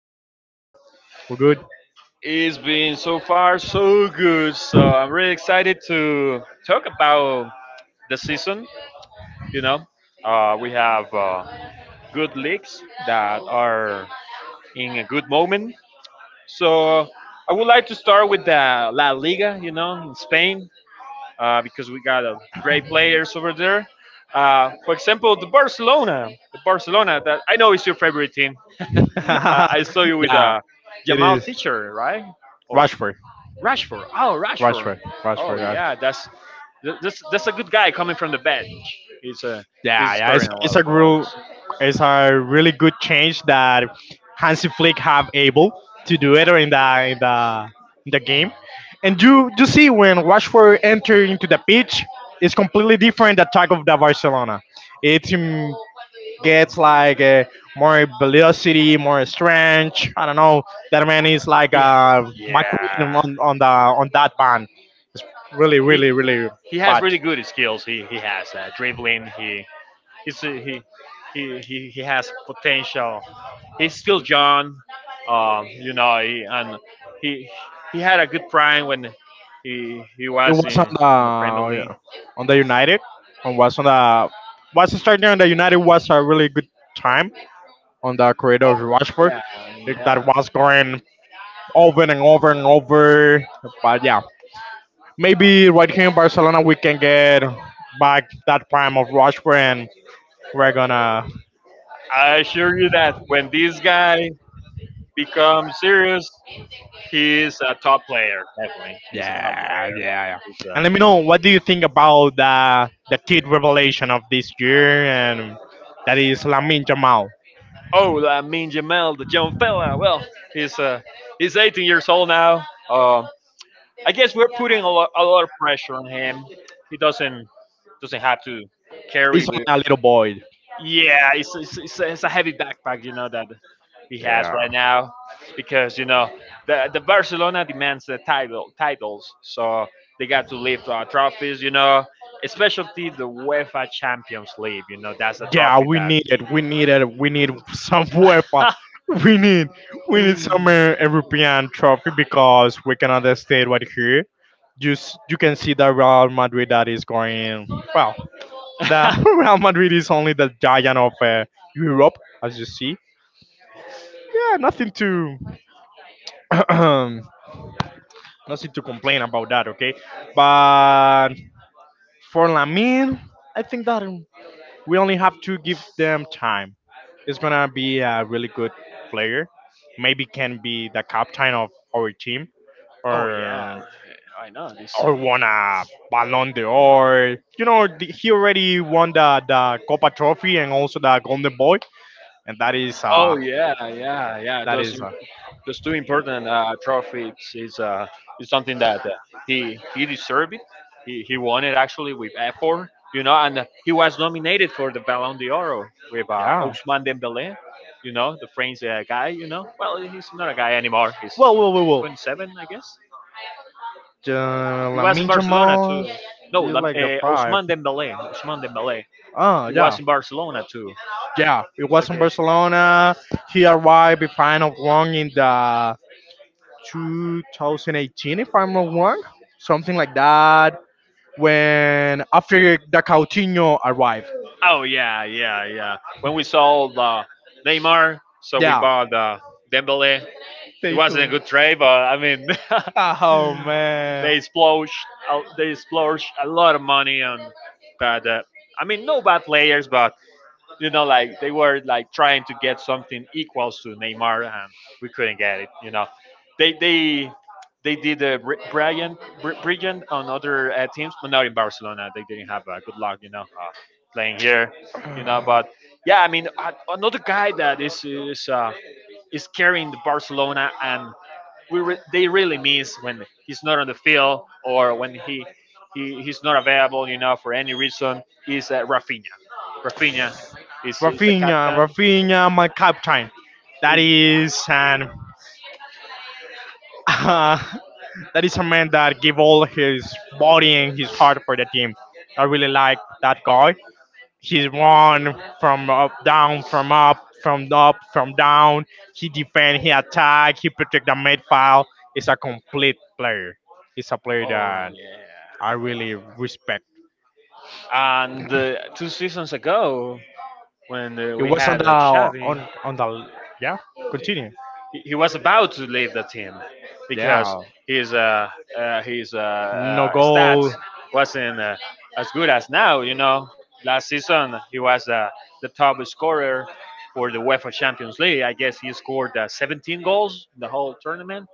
day, CJ? We're good. It's been so far so good, so I'm really excited to talk about the season. You know, we have good leagues that are in a good moment. So I would like to start with the La Liga, you know, in Spain. Because we got great players over there. For example, the Barcelona that I know is your favorite team. I saw you with Yeah, it Jamal is Teacher, right? Or Rushford, Rashford. Oh, Rashford. Rushford, Oh Rushford, Rushford. yeah, that's a good guy coming from the bench. He's uh, he's Yeah, yeah, it's, scoring a it's lot a of goals. real, it's a really good change that Hansi Flick have able to do it in the game. And you see when Rashford enter into the pitch, it's completely different attack of the Barcelona. It's Gets like more velocity, more strength. I don't know. That man is like He, my yeah, queen on that band. It's really, he really, really has fat. really good skills. He has dribbling. He He's a- he has potential. He's still young, you know, he, and he he had a good prime when he It was was on in the Premier the League. on the United. On was on the Was starting on the United was a really good time on the creator of Rashford. Yeah, Like, yeah. that was going over and over and over. But yeah, maybe right here in Barcelona we can get back that prime of Rashford, and we're gonna. I assure you that when this guy becomes serious, he's a top player. Definitely, he's a top Yeah, player. yeah, He's yeah. a, And let me know what do you think about the kid revelation of this year, and that is Lamin Jamal. oh, I mean Jamal, the young fella. Well, he's uh, he's 18 years old now. Um, I guess we're putting a lot of pressure on him. He doesn't have to carry It's the. only a little boy. Yeah, it's a heavy backpack, you know that he has Yeah, right now, because you know the Barcelona demands the titles, so they got to lift trophies, you know, especially the UEFA Champions League. You know, that's a yeah. trophy We that. need it. We need it. We need some UEFA. We need we need some European trophy because we cannot stay right here. Just you can see that Real Madrid that is going well. That Real Madrid is only the giant of Europe, as you see. Yeah, nothing to nothing to complain about that. Okay, but for Lamine, I think that we only have to give them time. It's gonna be a really good player. Maybe can be the captain of our team, oh yeah, or I know this. or won a Ballon d'Or. You know, he already won the Copa Trophy and also the Golden Boy, and that is, Oh yeah, yeah, yeah. That Those is a because two important trophies is something that uh, he deserved it. He won it actually with effort, you know, and he was nominated for the Ballon d'Or with yeah. Ousmane Dembélé, you know, the French guy, you know. Well, he's not a guy anymore. He's Well, well, well, well. 27, I guess. He La was in Minja Barcelona Moss, too. No, you Lam- like the uh, five? Ousmane Dembélé. Ousmane Dembélé. Ah, He yeah, was in Barcelona too. yeah. It So I was in guess. Barcelona. He arrived, if I'm not wrong, in the 2018, if I'm not wrong, something like that. When after the Coutinho arrived, Oh yeah, yeah, yeah. When we saw the Neymar, so we yeah. bought Dembele. It They wasn't a too. good trade, but I mean, Oh man. they splurged they splurged a lot of money on bad. I mean, no bad players, but you know, like they were like trying to get something equals to Neymar, and we couldn't get it. You know, they they they did a brilliant on other teams, but not in Barcelona. They didn't have good luck, you know, playing here, you know. But yeah, I mean, another guy that is carrying the Barcelona and they really miss when he's not on the field or when he's not available, you know, for any reason. Is Rafinha. Rafinha is the Rafinha, captain. Rafinha, my captain. That Is is, and that is a man that give all his body and his heart for the team. I really like that guy. He run from up, down, from down. He defend, he attack, he protect the midfield. He's a complete player. He's a player oh that I yeah. really respect. And two seasons ago, when It we was on had the Xavi, on on the yeah. Continue. he was about to leave the team because Yeah. his uh, uh, his uh, No uh, stats goal. wasn't as good as now. You know, last season he was the top scorer for the UEFA Champions League. I guess he scored 17 goals in the whole tournament.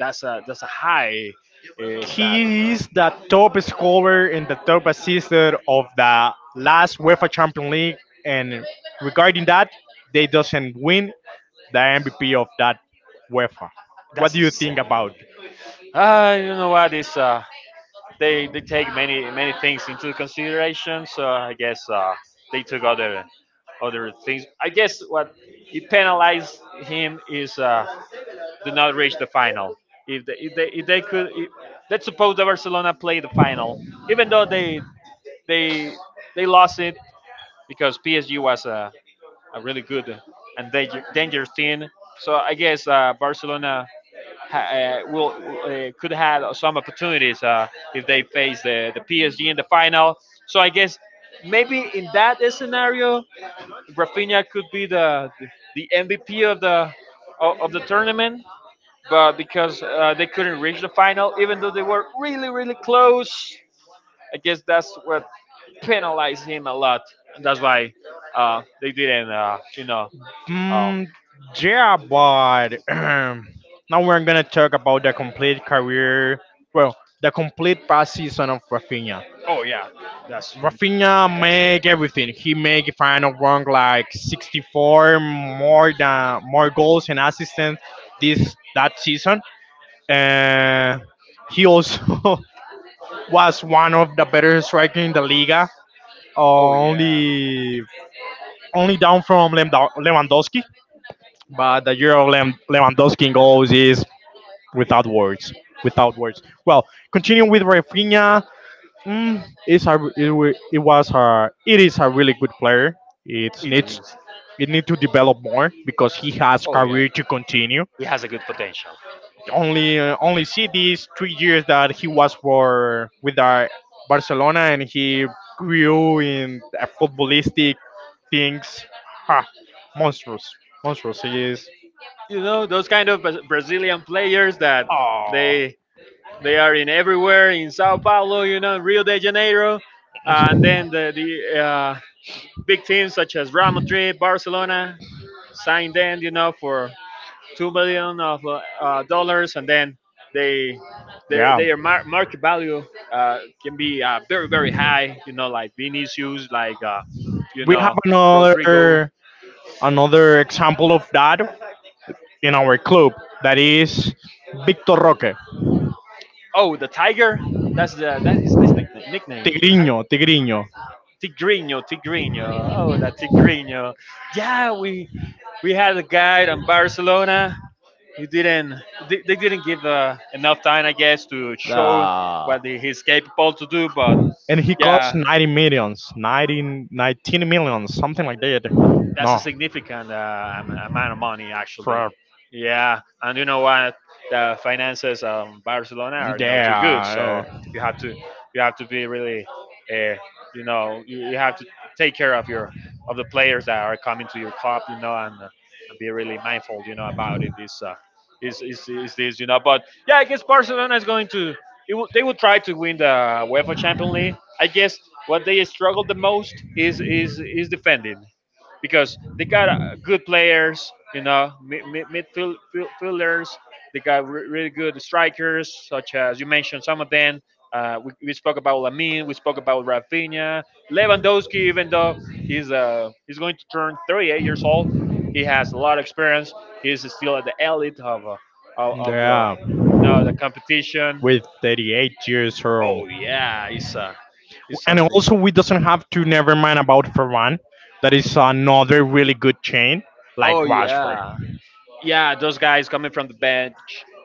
That's a high stat. You He know? is the top scorer and the top assister of the last UEFA Champions League. And regarding that, they doesn't win the MVP of that UEFA. What That's do you think about? insane. Ah, you know what? It's they take many things into consideration. So I guess they took other other things. I guess what it penalized him is did not reach the final. If they could, if, let's suppose that Barcelona played the final, even though they they lost it because PSG was a really good and danger, dangerous team. So I guess Barcelona will could have some opportunities if they face the PSG in the final. So I guess maybe in that scenario, Rafinha could be the MVP of the tournament. But because they couldn't reach the final, even though they were really close, I guess that's what penalized him a lot, and that's why they didn't. You know. Um, Mm, yeah, but now we're gonna talk about the complete career. Well, the complete past season of Rafinha. oh yeah, that's Rafinha fantastic. make everything. He make, if I don't wrong, like 64 more goals and assists this that season. Uh, he also was one of the better strikers in the Liga, Oh yeah, only only down from Lewandowski. But the year of Lewandowski in goals is without words. Without words. Well, continuing with Rafinha, it is a really good player. It it needs is. it need to develop more because he has Oh yeah, career to continue. he has a good potential. Only see these 3 years that he was for with Barcelona, and he grew in footballistic things. Ha, monstrous, monstrous he is. You know those kind of Brazilian players that Oh, they they are in everywhere in Sao Paulo, you know, Rio de Janeiro, and then the big teams such as Real Madrid, Barcelona signed them, you know, for 2 billion of dollars, and then they their yeah. their mar- market value can be uh, very high. You know, like Vinicius, like you We have know Rodrigo. another example of that in our club that is Victor Roque, Oh, the Tiger. That's his nickname. Nickname, the Tiger. Tigriño, Tigriño. Tigrinho, Tigrinho. Oh, that Tigrinho. Yeah, we had a guy in Barcelona. He didn't. They didn't give enough time, I guess, to show Uh, what he's capable to do. But and he costs yeah, 90 millions, 90, 19 millions, something like that. that's a No, significant amount of money, actually. for Yeah, and you know what? The finances of Barcelona are not too good, yeah, so you have to you have to be really, uh, you know, you have to take care of your of the players that are coming to your club, you know, and be really mindful, you know, about it. Is uh, this, you know? But yeah, I guess Barcelona is going to it will, they will try to win the UEFA Champions League. I guess what they struggle the most is defending because they got good players, you know, fielders. They got really good strikers, such as you mentioned some of them. We spoke about Lamine. We spoke about Rafinha, Lewandowski. Even though he's going to turn 38 years old, he has a lot of experience. He's still at the elite of the yeah, you know the competition. with 38 years old, Oh yeah, it's and something. also we doesn't have to never mind about Ferran. That is another really good chain like Oh Rashford. yeah. Yeah, those guys coming from the bench,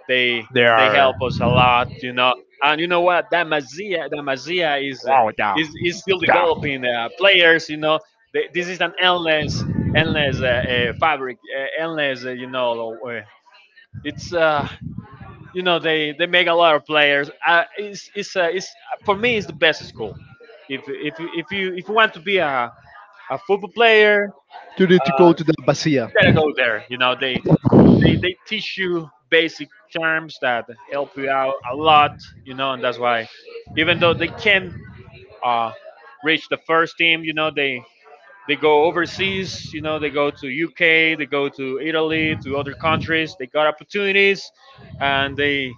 they They they are. help us a lot, you know. And you know what? That Mazia is Wow, yeah, is still yeah. developing players, you know. They, this is an endless fabric, you know. It's you know they make a lot of players. It's for me it's the best school. If you want to be a football player, You need to uh, go to the you Basia. gotta go there. You know they teach you basic terms that help you out a lot, you know, and that's why even though they can uh, reach the first team, you know, they go overseas, you know, they go to UK, they go to Italy, to other countries, they got opportunities and they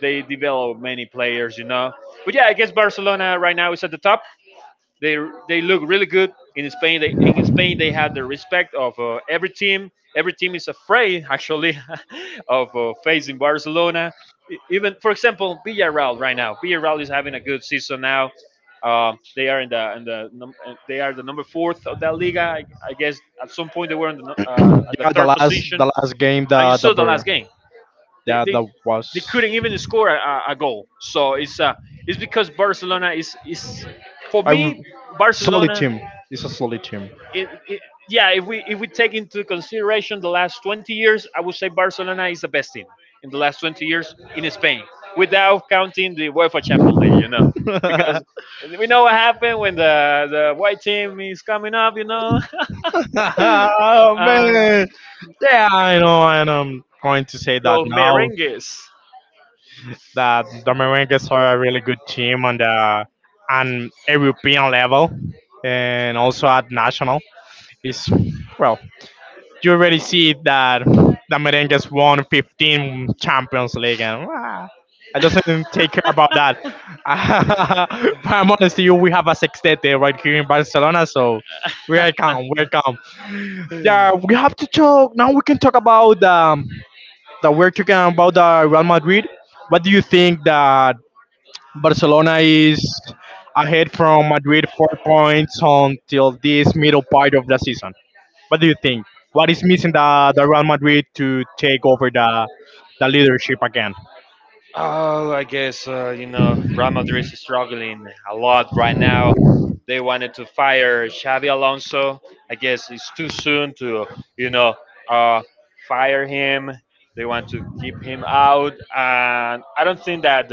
they develop many players, you know. But yeah, I guess Barcelona right now is at the top. They they look really good in Spain. They, in Spain, they have the respect of every team. Every team is afraid, actually, of facing Barcelona. Even, for example, Villarreal right now. Villarreal is having a good season now. They are in the they are the number fourth of that Liga. I guess at some point they were in at the Yeah, the third last position, the last game and you the saw the last bird. game they Yeah, they, that they was, couldn't even score a goal. So it's because Barcelona is for I me w- solid Barcelona. team. It's a solid team. It, it, yeah, if we take into consideration the last 20 years, I would say Barcelona is the best team in the last 20 years in Spain, without counting the UEFA Champions League. You know, Oh because we know what happened when the white team is coming up. You know, and man. Yeah, I know, and I'm going to say that los now. merengues. That the are a really good team on the on European level and also at national. Is, well, you already see that the Merengues won 15 Champions League, and I doesn't take care about that. But I'm honest to you, we have a sextete right here in Barcelona, so welcome, welcome. Yeah, we have to talk now. We can talk about that we're talking about the Real Madrid. What do you think that Barcelona is ahead from Madrid 4 points until this middle part of the season. What do you think? What is missing the Real Madrid to take over the leadership again? Oh, I guess you know Real Madrid is struggling a lot right now. They wanted to fire Xavi Alonso. I guess it's too soon to you know uh, fire him. They want to keep him out, and I don't think that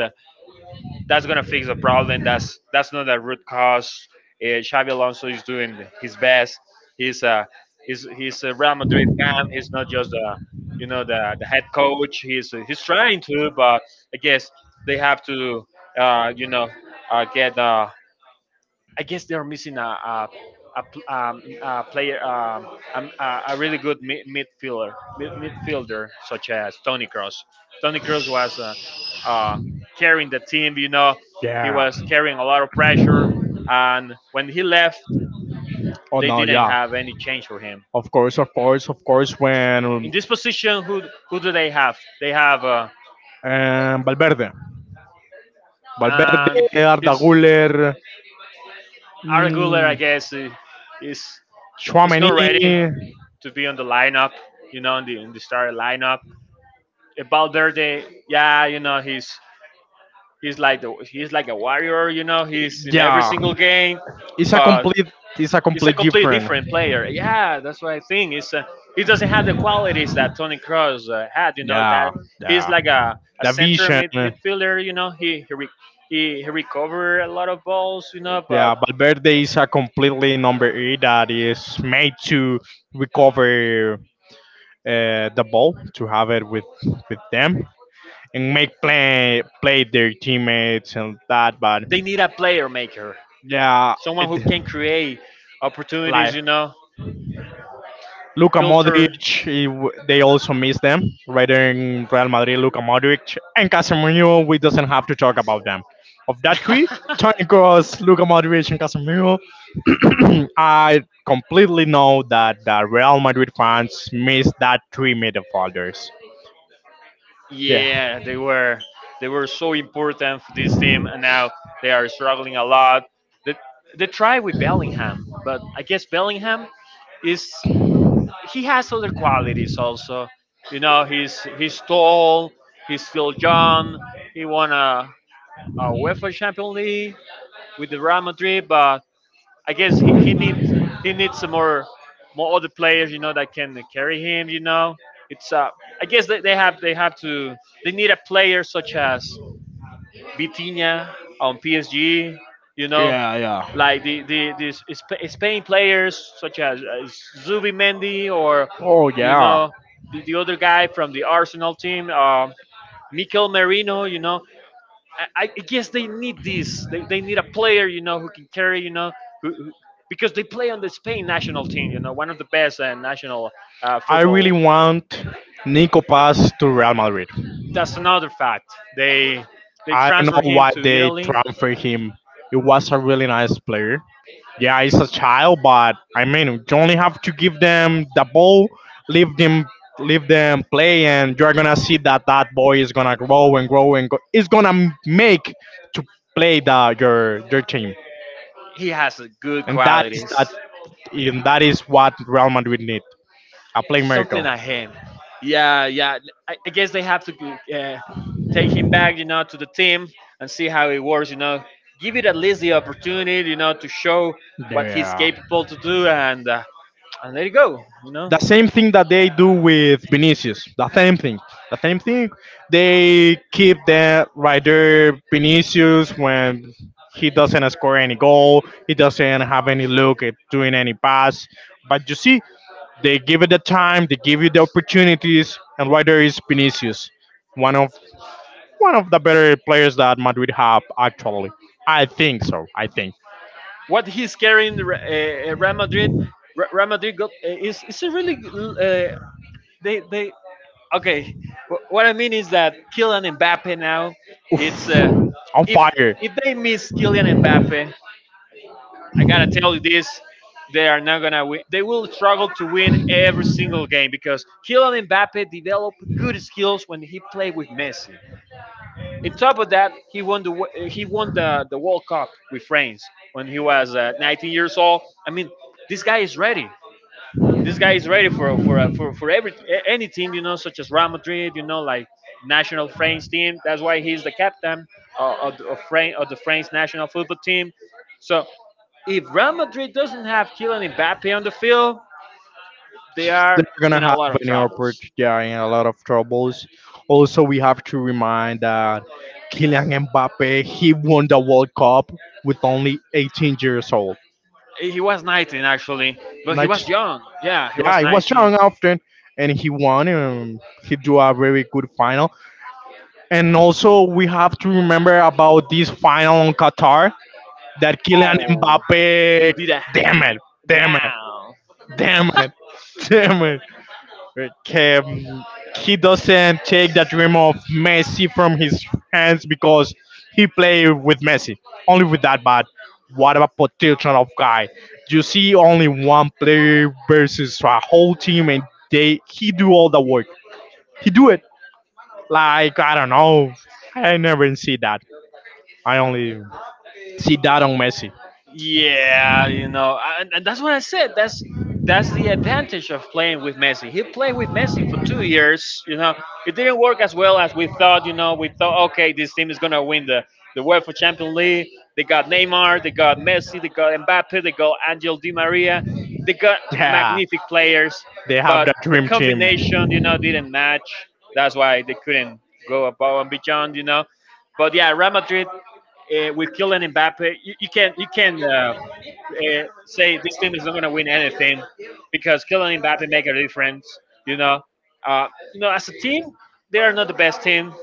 that's gonna fix the problem. That's not the root cause. Xavi Alonso is doing his best. He's a he's a Real Madrid fan. He's not just a you know the head coach. He's trying to, but I guess they have to you know get I guess they are missing a player, a really good midfielder such as Tony Cross. Tony Cross was uh, carrying the team. You know, he Yeah. was carrying a lot of pressure, and when he left, Oh they no, didn't yeah. have any change for him. Of course, of course, of course. When In this position, who do they have? They have Valverde, Valverde, and Arda his Guller, Arguler, I mm, guess, is not Tchouaméni. ready to be on the lineup. You know, in the starting lineup Valverde, yeah, you know, he's like he's like a warrior, you know, he's in every Yeah, single game, it's a but complete it's a he's a complete completely different. different player. Yeah, that's what I think. It's he doesn't have the qualities that Tony Cross had, you know, Yeah, that he's yeah, like a the center vision. mid, midfielder, you know, he recover a lot of balls, you know, but Yeah, Valverde is a completely number eight that is made to recover the ball, to have it with them, and make play their teammates and that. But they need a player maker, yeah, someone it, who can create opportunities, like you know, Luka filter. Modric, they also miss them. Rather in Real Madrid, Luka Modric and Casemiro, we doesn't have to talk about them. Of that three, Toni Kroos, Luka Modric, and Casemiro, I completely know that the Real Madrid fans miss that three midfielders. Yeah. Yeah, they were so important for this team, and now they are struggling a lot. They, they tried with Bellingham, but I guess Bellingham is he has other qualities also. You know, he's tall, he's still young. He won a UEFA Champions League with the Real Madrid, but I guess he needs some more more other players, you know, that can carry him. You know, it's I guess they have to they need a player such as Vitinha on PSG. You know, Yeah, like the yeah. these Spain players such as Zubi Mendy or Oh you yeah. know the other guy from the Arsenal team, Mikel Merino. You know, I guess they need this. They need a player, you know, who can carry, you know, who, who, because they play on the Spain national team, you know, one of the best national I really football. want Nico Pass to Real Madrid. That's another fact. They they I don't transfer know him why to they Italy. transferred him. It was a really nice player. Yeah, he's a child, but I mean, you only have to give them the ball, leave them, leave them play, and you're gonna see that that boy is gonna grow and grow and go. It's gonna make to play the your team, He has good and that is qualities. that, and that is what Real Madrid need, a Something playmaker. like him. Yeah, yeah. I guess they have to take him back, you know, to the team and see how it works. You know, give it at least the opportunity, you know, to show what he's Yeah. capable to do, and let it go. You know, The same thing that they do with Vinicius. The same thing. The same thing. They keep that right there, Vinicius, when he doesn't score any goal, he doesn't have any look at doing any pass. But you see, they give it the time, they give you the opportunities, and right there is Vinicius, one of one of the better players that Madrid have actually. I think so. I think what he's carrying Real Madrid. Real Madrid got, is a really they okay. What I mean is that Kylian Mbappe now, it's on if fire. if they miss Kylian Mbappe, I gotta tell you this: they are not gonna win. They will struggle to win every single game because Kylian Mbappe developed good skills when he played with Messi. On top of that, he won the World Cup with France when he was 19 years old. I mean, this guy is ready. This guy is ready for any team you know, such as Real Madrid. You know, like national French team. That's why he's the captain of the French national football team. So if Real Madrid doesn't have Kylian Mbappe on the field, they are They're gonna in a have lot of an troubles. opportunity, yeah, and a lot of troubles. Also, we have to remind that Kylian Mbappe he won the World Cup with only 18 years old. He was 19 actually, but he Not, was young. Yeah, he yeah, was he was 19. young often, and he won. And he do a very good final. And also, we have to remember about this final on Qatar that Kylian Oh, he Mbappe. did a Damn it! Damn it! down. Damn it! Damn it! um, he doesn't take the dream of Messi from his hands because he play with Messi, only with that. But what about potential of guy? You see only one player versus a whole team, and they he do all the work. He do it like I don't know. I never see that. I only see that on Messi. Yeah, you know, and that's what I said. That's the advantage of playing with Messi. He played with Messi for 2 years. You know, it didn't work as well as we thought. You know, we thought, okay, this team is gonna win the UEFA Champions League. They got Neymar, they got Messi, they got Mbappe, they got Angel Di Maria, they got Yeah, magnific players, they have but the the dream team. combination, you know, didn't match. That's why they couldn't go above and beyond. You know, but yeah, Real Madrid with Kylian Mbappe, you can say this team is not going to win anything because Kylian Mbappe make a difference. You know, you know, as a team, they are not the best team.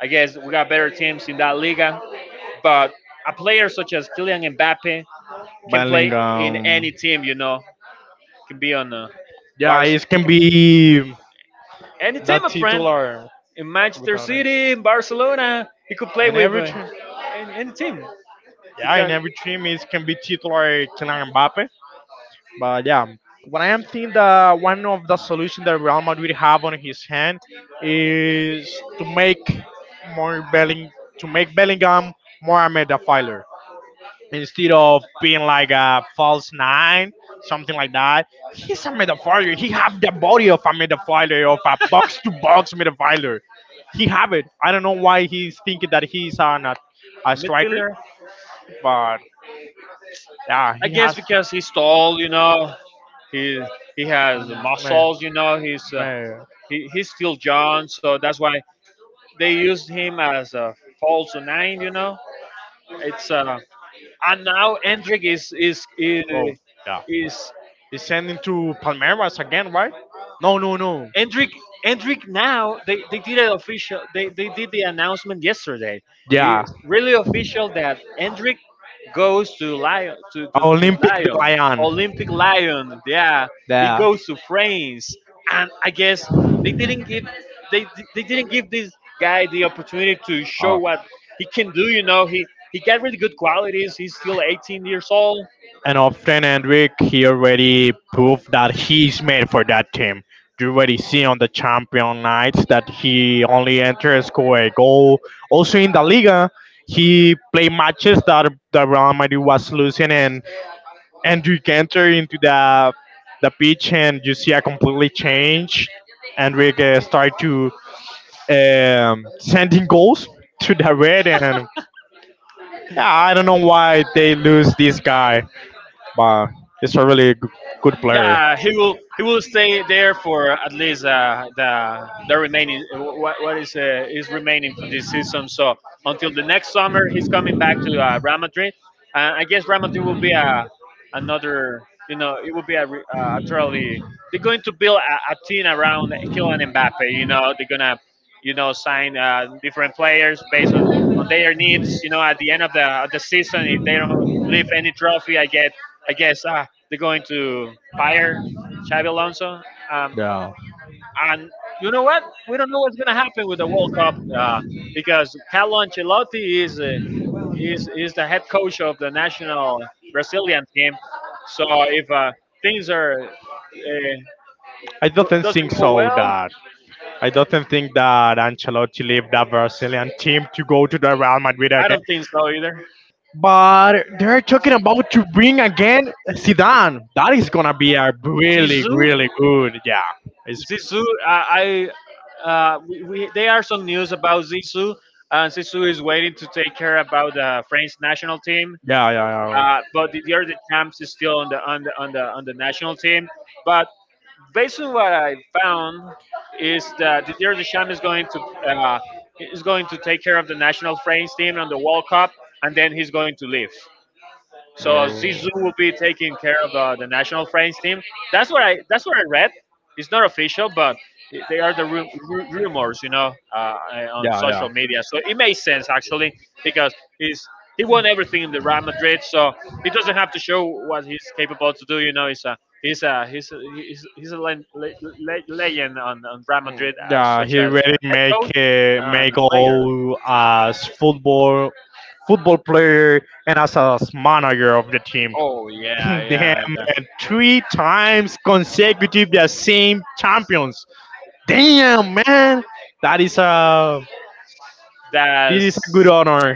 I guess we got better teams in that liga, but a player such as Kylian Mbappe can play in Bellingham. any team. You know, can be on Yeah, Barca. it He can can be any the team, my friend titular. in Manchester Without City, him. in Barcelona. He could play And with every team, any team. He yeah, got and a every team is can be titular Kylian Mbappe. But yeah, what I am thinking that one of the solution that Real Madrid have on his hand is to make more Belling to make Bellingham more a midfielder instead of being like a false nine, something like that. He's a midfielder. He have the body of a midfielder, of a box to box midfielder. He have it. I don't know why he's thinking that he's on a striker. midfielder. But yeah, I he guess has. because he's tall, you know, he he has Me, muscles, you know, me, he's still John, so that's why they used him as a false nine, you know. It's and now Hendrik is is is, oh, yeah. is He's sending to Palmeiras again, right? No, no, no. Endrick, Endrick now they did it official. They did the announcement yesterday. Yeah, It's really official that Endrick goes to Lion to Olympic de Lion Lyon. Olympic Lyon. Yeah, he Yeah. goes to France, and I guess they didn't give they they didn't give this guy the opportunity to show Oh. what he can do. You know, he got really good qualities. He's still 18 years old. And often Hendrik, he already proved that he's made for that team. You already see on the champion nights that he only enters score a goal. Also in the Liga, he played matches that the Real Madrid was losing and Hendrik enter into the pitch and you see a completely change. Hendrik start to sending goals to the red, and yeah, I don't know why they lose this guy, but he's a really good player. Yeah, he will. He will stay there for at least the remaining what is remaining for this season. So until the next summer, he's coming back to Real Madrid. I guess Real Madrid will be a another. You know, it will be a truly. They're going to build a team around Kylian Mbappe. You know, they're gonna you know sign different players based on their needs. You know, at the end of the season, if they don't leave any trophy, I guess. They're going to fire Xavi Alonso. Um, Yeah. and you know what? We don't know what's going to happen with the World Cup because Carlo Ancelotti is the head coach of the national Brazilian team. So if things are I don't doesn't think go so well, that I don't think that Ancelotti left that Brazilian team to go to the Real Madrid I again. don't think so either. But they're talking about to bring again Zidane. That is gonna be a really, Zizou, really good. Yeah, it's Zizou, I there are some news about Zizou. Zizou is waiting to take care about the French national team. yeah, yeah, But the year the champs is still on the on the on the on the national team. But based on what I found is that the year the champs uh, is going to take care of the national France team on the World Cup, and then he's going to leave. So yeah. Zizou will Oh, be taking care of the national French team. That's what I read. It's not official, but they are the rumors, you know, on yeah, social media. So it makes sense actually because he's he won everything in the Real yeah. Madrid, so he doesn't have to show what he's capable to do. You know, he's a legend on Real Madrid as Yeah, such he as really a head make coach and a make player. all as football football player and as a manager of the team. Oh yeah, Damn, yeah. that- man, three times consecutive the same champions. Damn, man, that is a this is a good That's honor.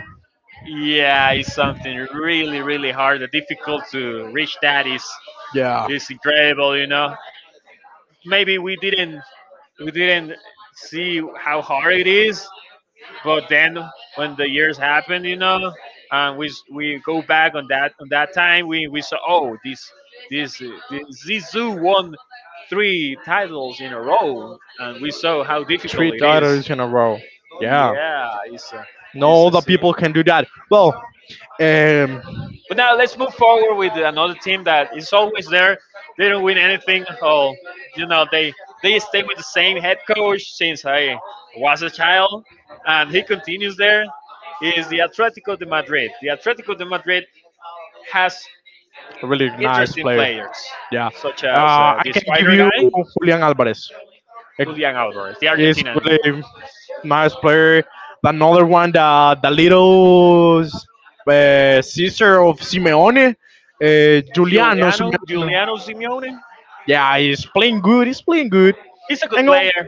Yeah, it's something really, really hard. The difficult to reach that Yeah, is incredible. You know, maybe we didn't see how hard it is, but then when the years happen, you know, and we go back on that time, we saw, oh, this this Zizou won three titles in a row, and we saw how three difficult it is. titles in a row. Yeah, Yeah, it's no a other sin. people can do that. Well, um, But now let's move forward with another team that is always there. They don't win anything. Oh, you know they stay with the same head coach since I was a child, and he continues there. He is the Atletico de Madrid? The Atletico de Madrid has really nice interesting player. players Yeah. such as I the can give Spider you guy, Julian Alvarez. Julian Alvarez, the He's Argentinian, really nice player. Another one, the little sister of Simeone, uh, Giuliano Simeone. Juliano Simeone. Yeah, he's playing good. He's playing good. He's a good And all, player. Yep,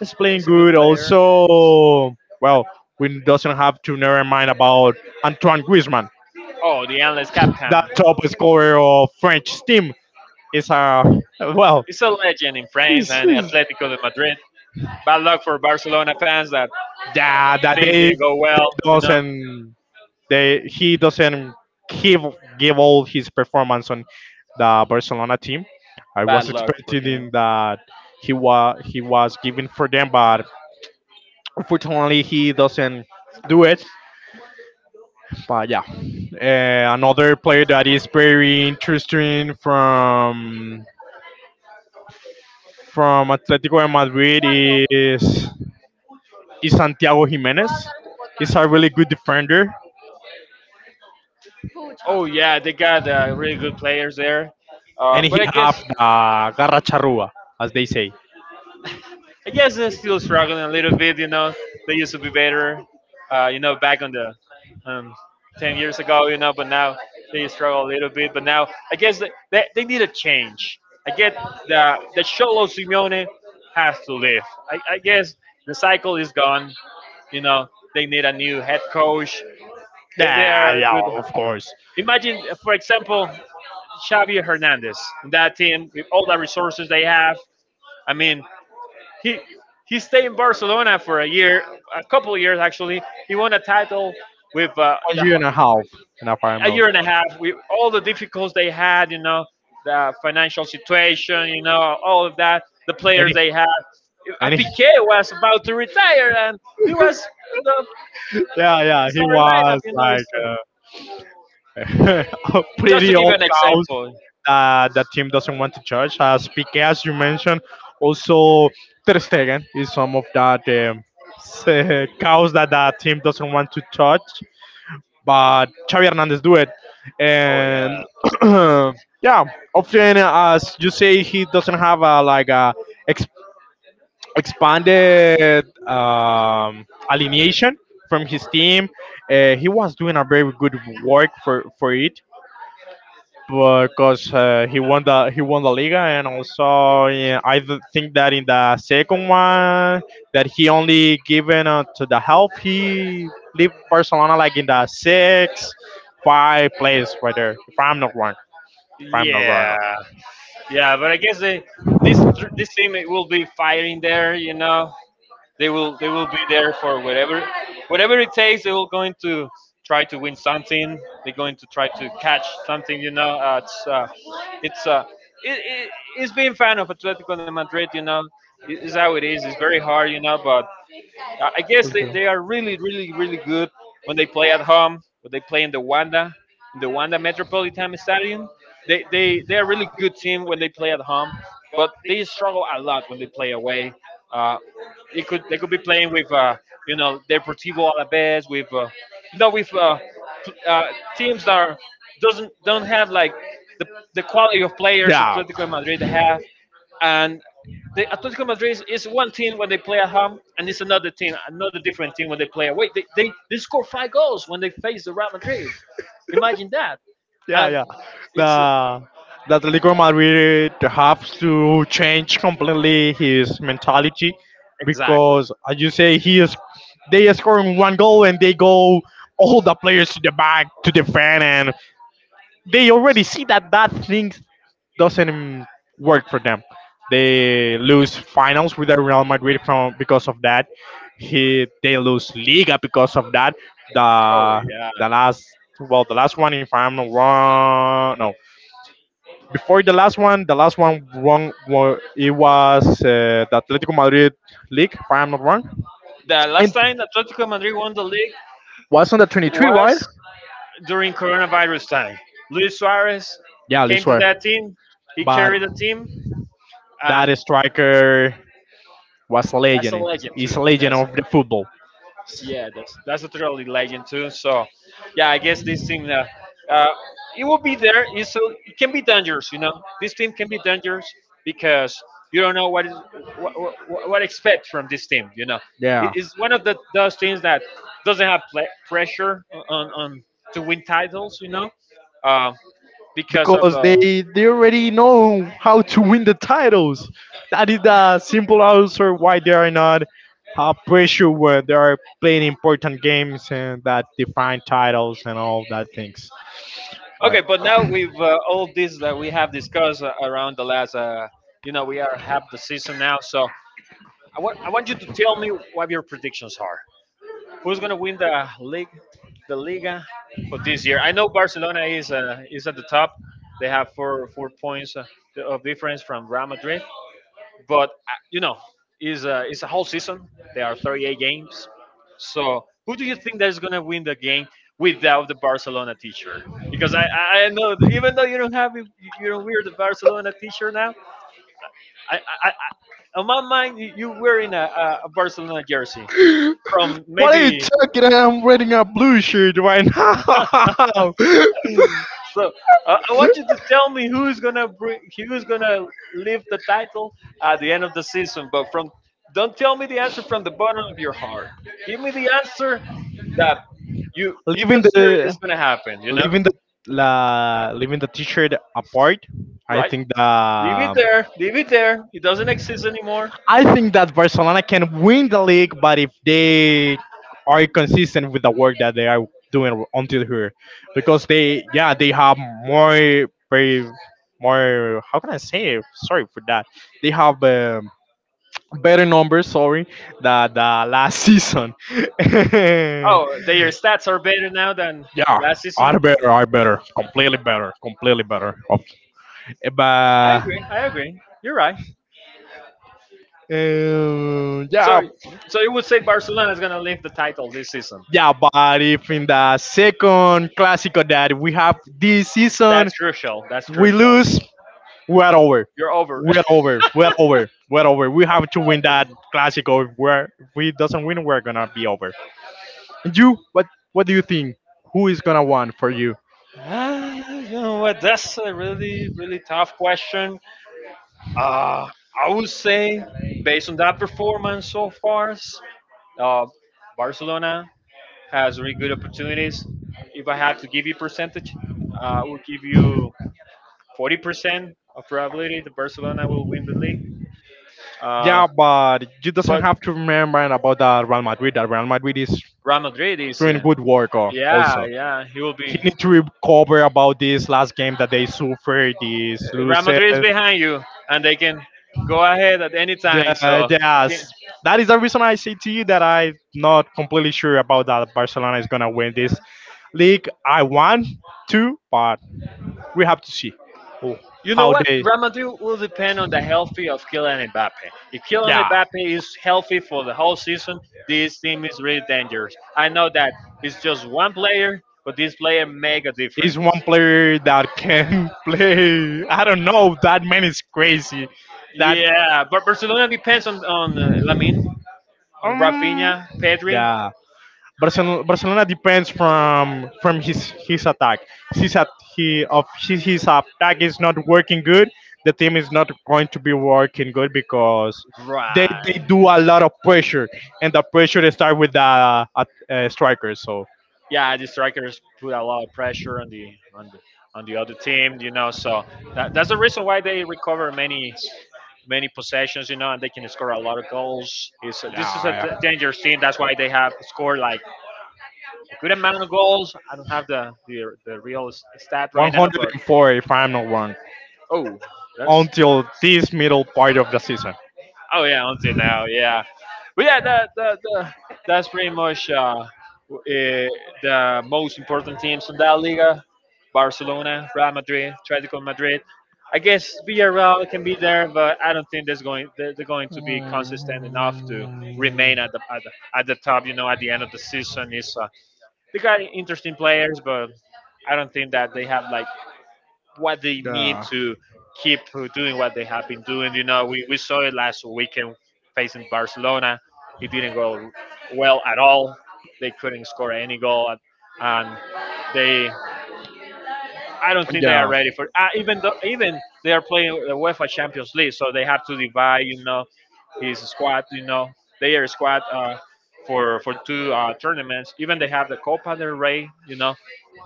he's playing he's a good good. player. Also, well, we doesn't have to never mind about Antoine Griezmann, Oh, the endless captain. that top scorer of French team. Is well, He's a legend in France he's, and he's- Atletico de Madrid. Bad luck for Barcelona fans that yeah, that things they didn't go well, you know. doesn't, they, he doesn't give give all his performance on the Barcelona team. I Bad was luck for expecting him. that he was giving for them, but unfortunately he doesn't do it. But yeah, another player that is very interesting from Atletico de Madrid is is Santiago Jimenez. He's a really good defender, Oh yeah, they got really good players there. And he But have the garra charrua, as they say. I guess they're still struggling a little bit. You know, they used to be better. You know, back on the um, 10 years ago. You know, but now they struggle a little bit. But now I guess they need a change. I get that the Cholo Simeone has to leave. I guess the cycle is gone. You know, they need a new head coach. They Yeah, are good. yeah, of course. Imagine, for example, Xavi Hernandez. That team, with all the resources they have. I mean, he he stayed in Barcelona for a year, a couple of years actually. He won a title with One year and a half in a a final. year and a half with all the difficulties they had, you know, the financial situation, you know, all of that, the And players he, they had. And he, Piqué was about to retire, and he was in the yeah, yeah, he sorry lineup, was you know. like It's, uh, a just to pretty give you old an cows example. that the team doesn't want to judge. As Piqué, as you mentioned, also Ter Stegen is some of that cows that the team doesn't want to touch. But Xavi Hernandez do it, Oh yeah, and yeah, often as you say, he doesn't have a like a expanded alienation from his team. He was doing a very good work for it because he won the Liga and also yeah, think that in the second one that he only given to the help he leave Barcelona like in the six, five place right there if I'm not wrong. yeah, yeah. But I guess this team it will be firing there, you know. They will be there for whatever whatever it takes. They will going to try to win something. They're going to try to catch something. You know, it's it, it, It's being fan of Atletico de Madrid. It's how it is. It's very hard. But I guess they are really, really, really good when they play at home, when they play in the Wanda Metropolitan Stadium. They are a really good team when they play at home, but they struggle a lot when they play away. Uh, it could They could be playing with you know, Deportivo Alaves, with you know with uh, pl- uh, teams that are, doesn't don't have like the, the quality of players Yeah. Atletico Madrid have, and the Atletico Madrid is one team when they play at home, and it's another team, another different team when they play away. They score five goals when they face the Real Madrid. Imagine that. Yeah, And yeah. it's The that Atletico Madrid have to change completely his mentality Exactly. because, as you say, he is, they are scoring one goal and they go all the players to the back to defend, and they already see that that thing doesn't work for them. They lose finals with the Real Madrid from because of that. He They lose Liga because of that. Oh The yeah. the last, well, the last one, if I'm not wrong, no, before the last one, the last one wrong, it was the Atletico Madrid league, if I'm not wrong. The last And time Atletico Madrid won the league was on the 23, right? was during coronavirus time. Luis Suarez Yeah, I came to swear. that team. He But carried the team, and that striker was a that's a legend. legend He's too. a legend That's of the football. Yeah, that's a totally legend too. So, yeah, I guess this team, uh, it will be there. It can be dangerous, you know. This team can be dangerous because you don't know what is what expect from this team. You know, it Yeah. is one of the those teams that doesn't have pressure on to win titles. You know, uh, because of Because they already know how to win the titles. That is the simple answer why they are not pressure when they are playing important games and that define titles and all that things. Right. Okay. But now with all this that we have discussed around the last, we are half the season now, so I want you to tell me what your predictions are. Who's gonna win the league, the Liga for this year? I know Barcelona is at the top. They have four four points of difference from Real Madrid, but you know, is it's a whole season. There are 38 games. So who do you think that is gonna win the game without the Barcelona teacher? Because I know even though you don't wear the Barcelona teacher now, I on my mind you wearing a Barcelona jersey from What are you maybe. talking? I'm wearing a blue shirt right now. So I want you to tell me who's gonna bring, who's gonna lift the title at the end of the season. But from Don't tell me the answer from the bottom of your heart. Give me the answer that you leaving consider is the gonna happen. You know, leaving the Leaving the t-shirt apart, i right? think Leave it that there. Leave it there. It doesn't exist anymore. I think that barcelona can win the league, but if they are consistent with the work that they are doing until here. Because they, yeah, they have more, very more, how can I say it? Sorry for that, they have better numbers, sorry, that the last season. Oh, their stats are better now than Yeah, last season. are better, of course. I But agree. I agree. You're right. So, yeah, so you would say Barcelona is going to lift the title this season? yeah, but if in the second Clásico that we have this season, That's crucial. That's we crucial. lose, we're over. You're over. We're over. We're over. We're over. We have to win that Clásico. If we doesn't win, we're gonna be over. And you, what do you think? Who is gonna win for you? Ah, you know what? That's a really, really tough question. Uh, I would say, based on that performance so far, uh, Barcelona has really good opportunities. If I had to give you percentage, I would give you 40% of probability that Barcelona will win the league. Uh, Yeah, but you doesn't but have to remember about the Real Madrid. That Real Madrid is Real Madrid is, doing good work, yeah, also. yeah, he will He be. need to recover about this last game that they suffered this Real losses. Madrid is behind you, and they can go ahead at any time. So, Yes, that is the reason I say to you that I'm not completely sure about that Barcelona is gonna win this league. I want to, but we have to see who- you know how what? they. Real Madrid will depend on the healthy of Kylian Mbappe. If Kylian Yeah, Mbappe is healthy for the whole season, this team is really dangerous. I know that it's just one player, but this player make a is difference. one player that can play. I don't know. That man is crazy. That Yeah, but Barcelona depends on Lamin, on Um, Rafinha, Pedri, yeah, Barcelona depends from his attack. His at, he of, his attack is not working good. The team is not going to be working good because they right? they do a lot of pressure, and the pressure they start with the strikers. So Yeah, the strikers put a lot of pressure on the on the on the other team, you know. So that's the reason why they recover many possessions, you know, and they can score a lot of goals. This is a yeah, dangerous team. That's why they have scored like a good amount of goals. I don't yeah. have the the real stat right now, but 104, if I'm not wrong, oh, that's until this middle part of the season. oh yeah, until now, yeah. But yeah, that's pretty much w- eh, the most important teams in that Liga. Barcelona, Real Madrid, Atletico Madrid. I guess Yeah. Villarreal can be there, but I don't think there's going they're going to be consistent enough to remain at the, at the at the top. You know, at the end of the season, is they got interesting players, but I don't think that they have like what they need Yeah. to keep doing what they have been doing. You know, we saw it last weekend facing Barcelona. It didn't go well at all. They couldn't score any goal, and they I don't think they are ready for. Even though even they are playing the UEFA Champions League, so they have to divide. You know, his squad. You know, their squad. For two tournaments, even they have the Copa del Rey, you know,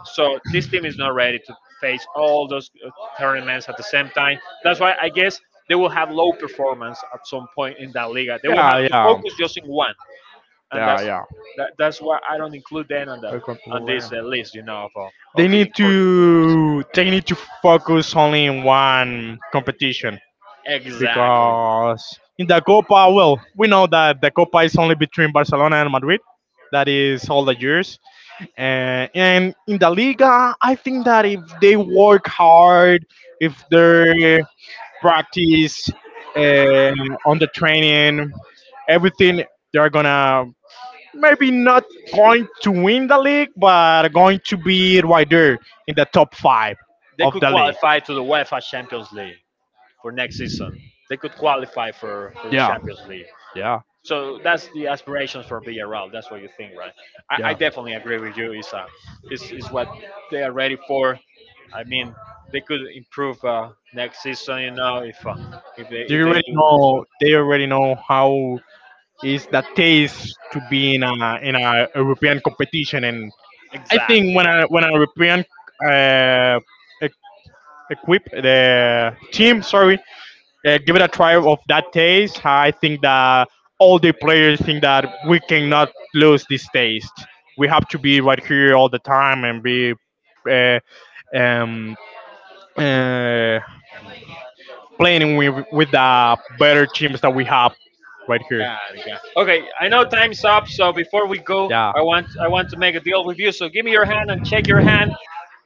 so this team is not ready to face all those tournaments at the same time. That's why I guess they will have low performance at some point in that liga. They will have Yeah, to yeah, focus just in one, and yeah, that's yeah. That's why I don't include them on the on this list, you know, of the important. They need to focus only in one competition Exactly. because in the Copa, well, we know that the Copa is only between Barcelona and Madrid. That is all the years. And in the Liga, I think that if they work hard, if they practice uh, on the training, everything, they're gonna maybe not going to win the league, but going to be right there in the top five They of could the league. qualify to the UEFA Champions League for next season. They could qualify for the Yeah, Champions League. yeah, So that's the aspirations for Villarreal. That's what you think, right? I yeah. definitely agree with you. It's what they are ready for. I mean, they could improve next season, you know, if they You already do know. They already know how is the taste to be in a European competition, and I think exactly. When a European uh, e- equip the team, sorry, give it a try of that taste. I think that all the players think that we cannot lose this taste. We have to be right here all the time and be uh, um, uh, playing with the better teams that we have right here. God, God. Okay, I know time's up. So before we go, Yeah. I want to make a deal with you. So give me your hand and shake your hand.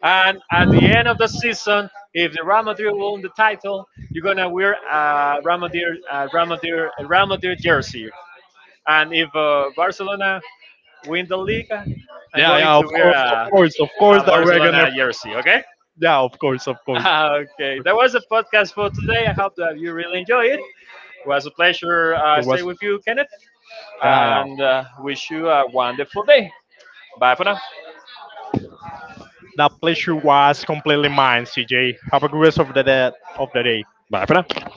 And at the end of the season, if the Real Madrid won the title, you're gonna wear a Real Madrid jersey. And if Barcelona win the league, I'm Yeah, going yeah, to of wear course, of course, of a course that we're gonna. Barcelona jersey. Okay. Yeah, of course, of course. Okay, that was the podcast for today. I hope that you really enjoy it. It was a pleasure It stay was. with you, Kenneth, Yeah, and yeah. Wish you a wonderful day. Bye for now. That pleasure was completely mine, CJ. Have a good rest of the day. Of the day. Bye for now.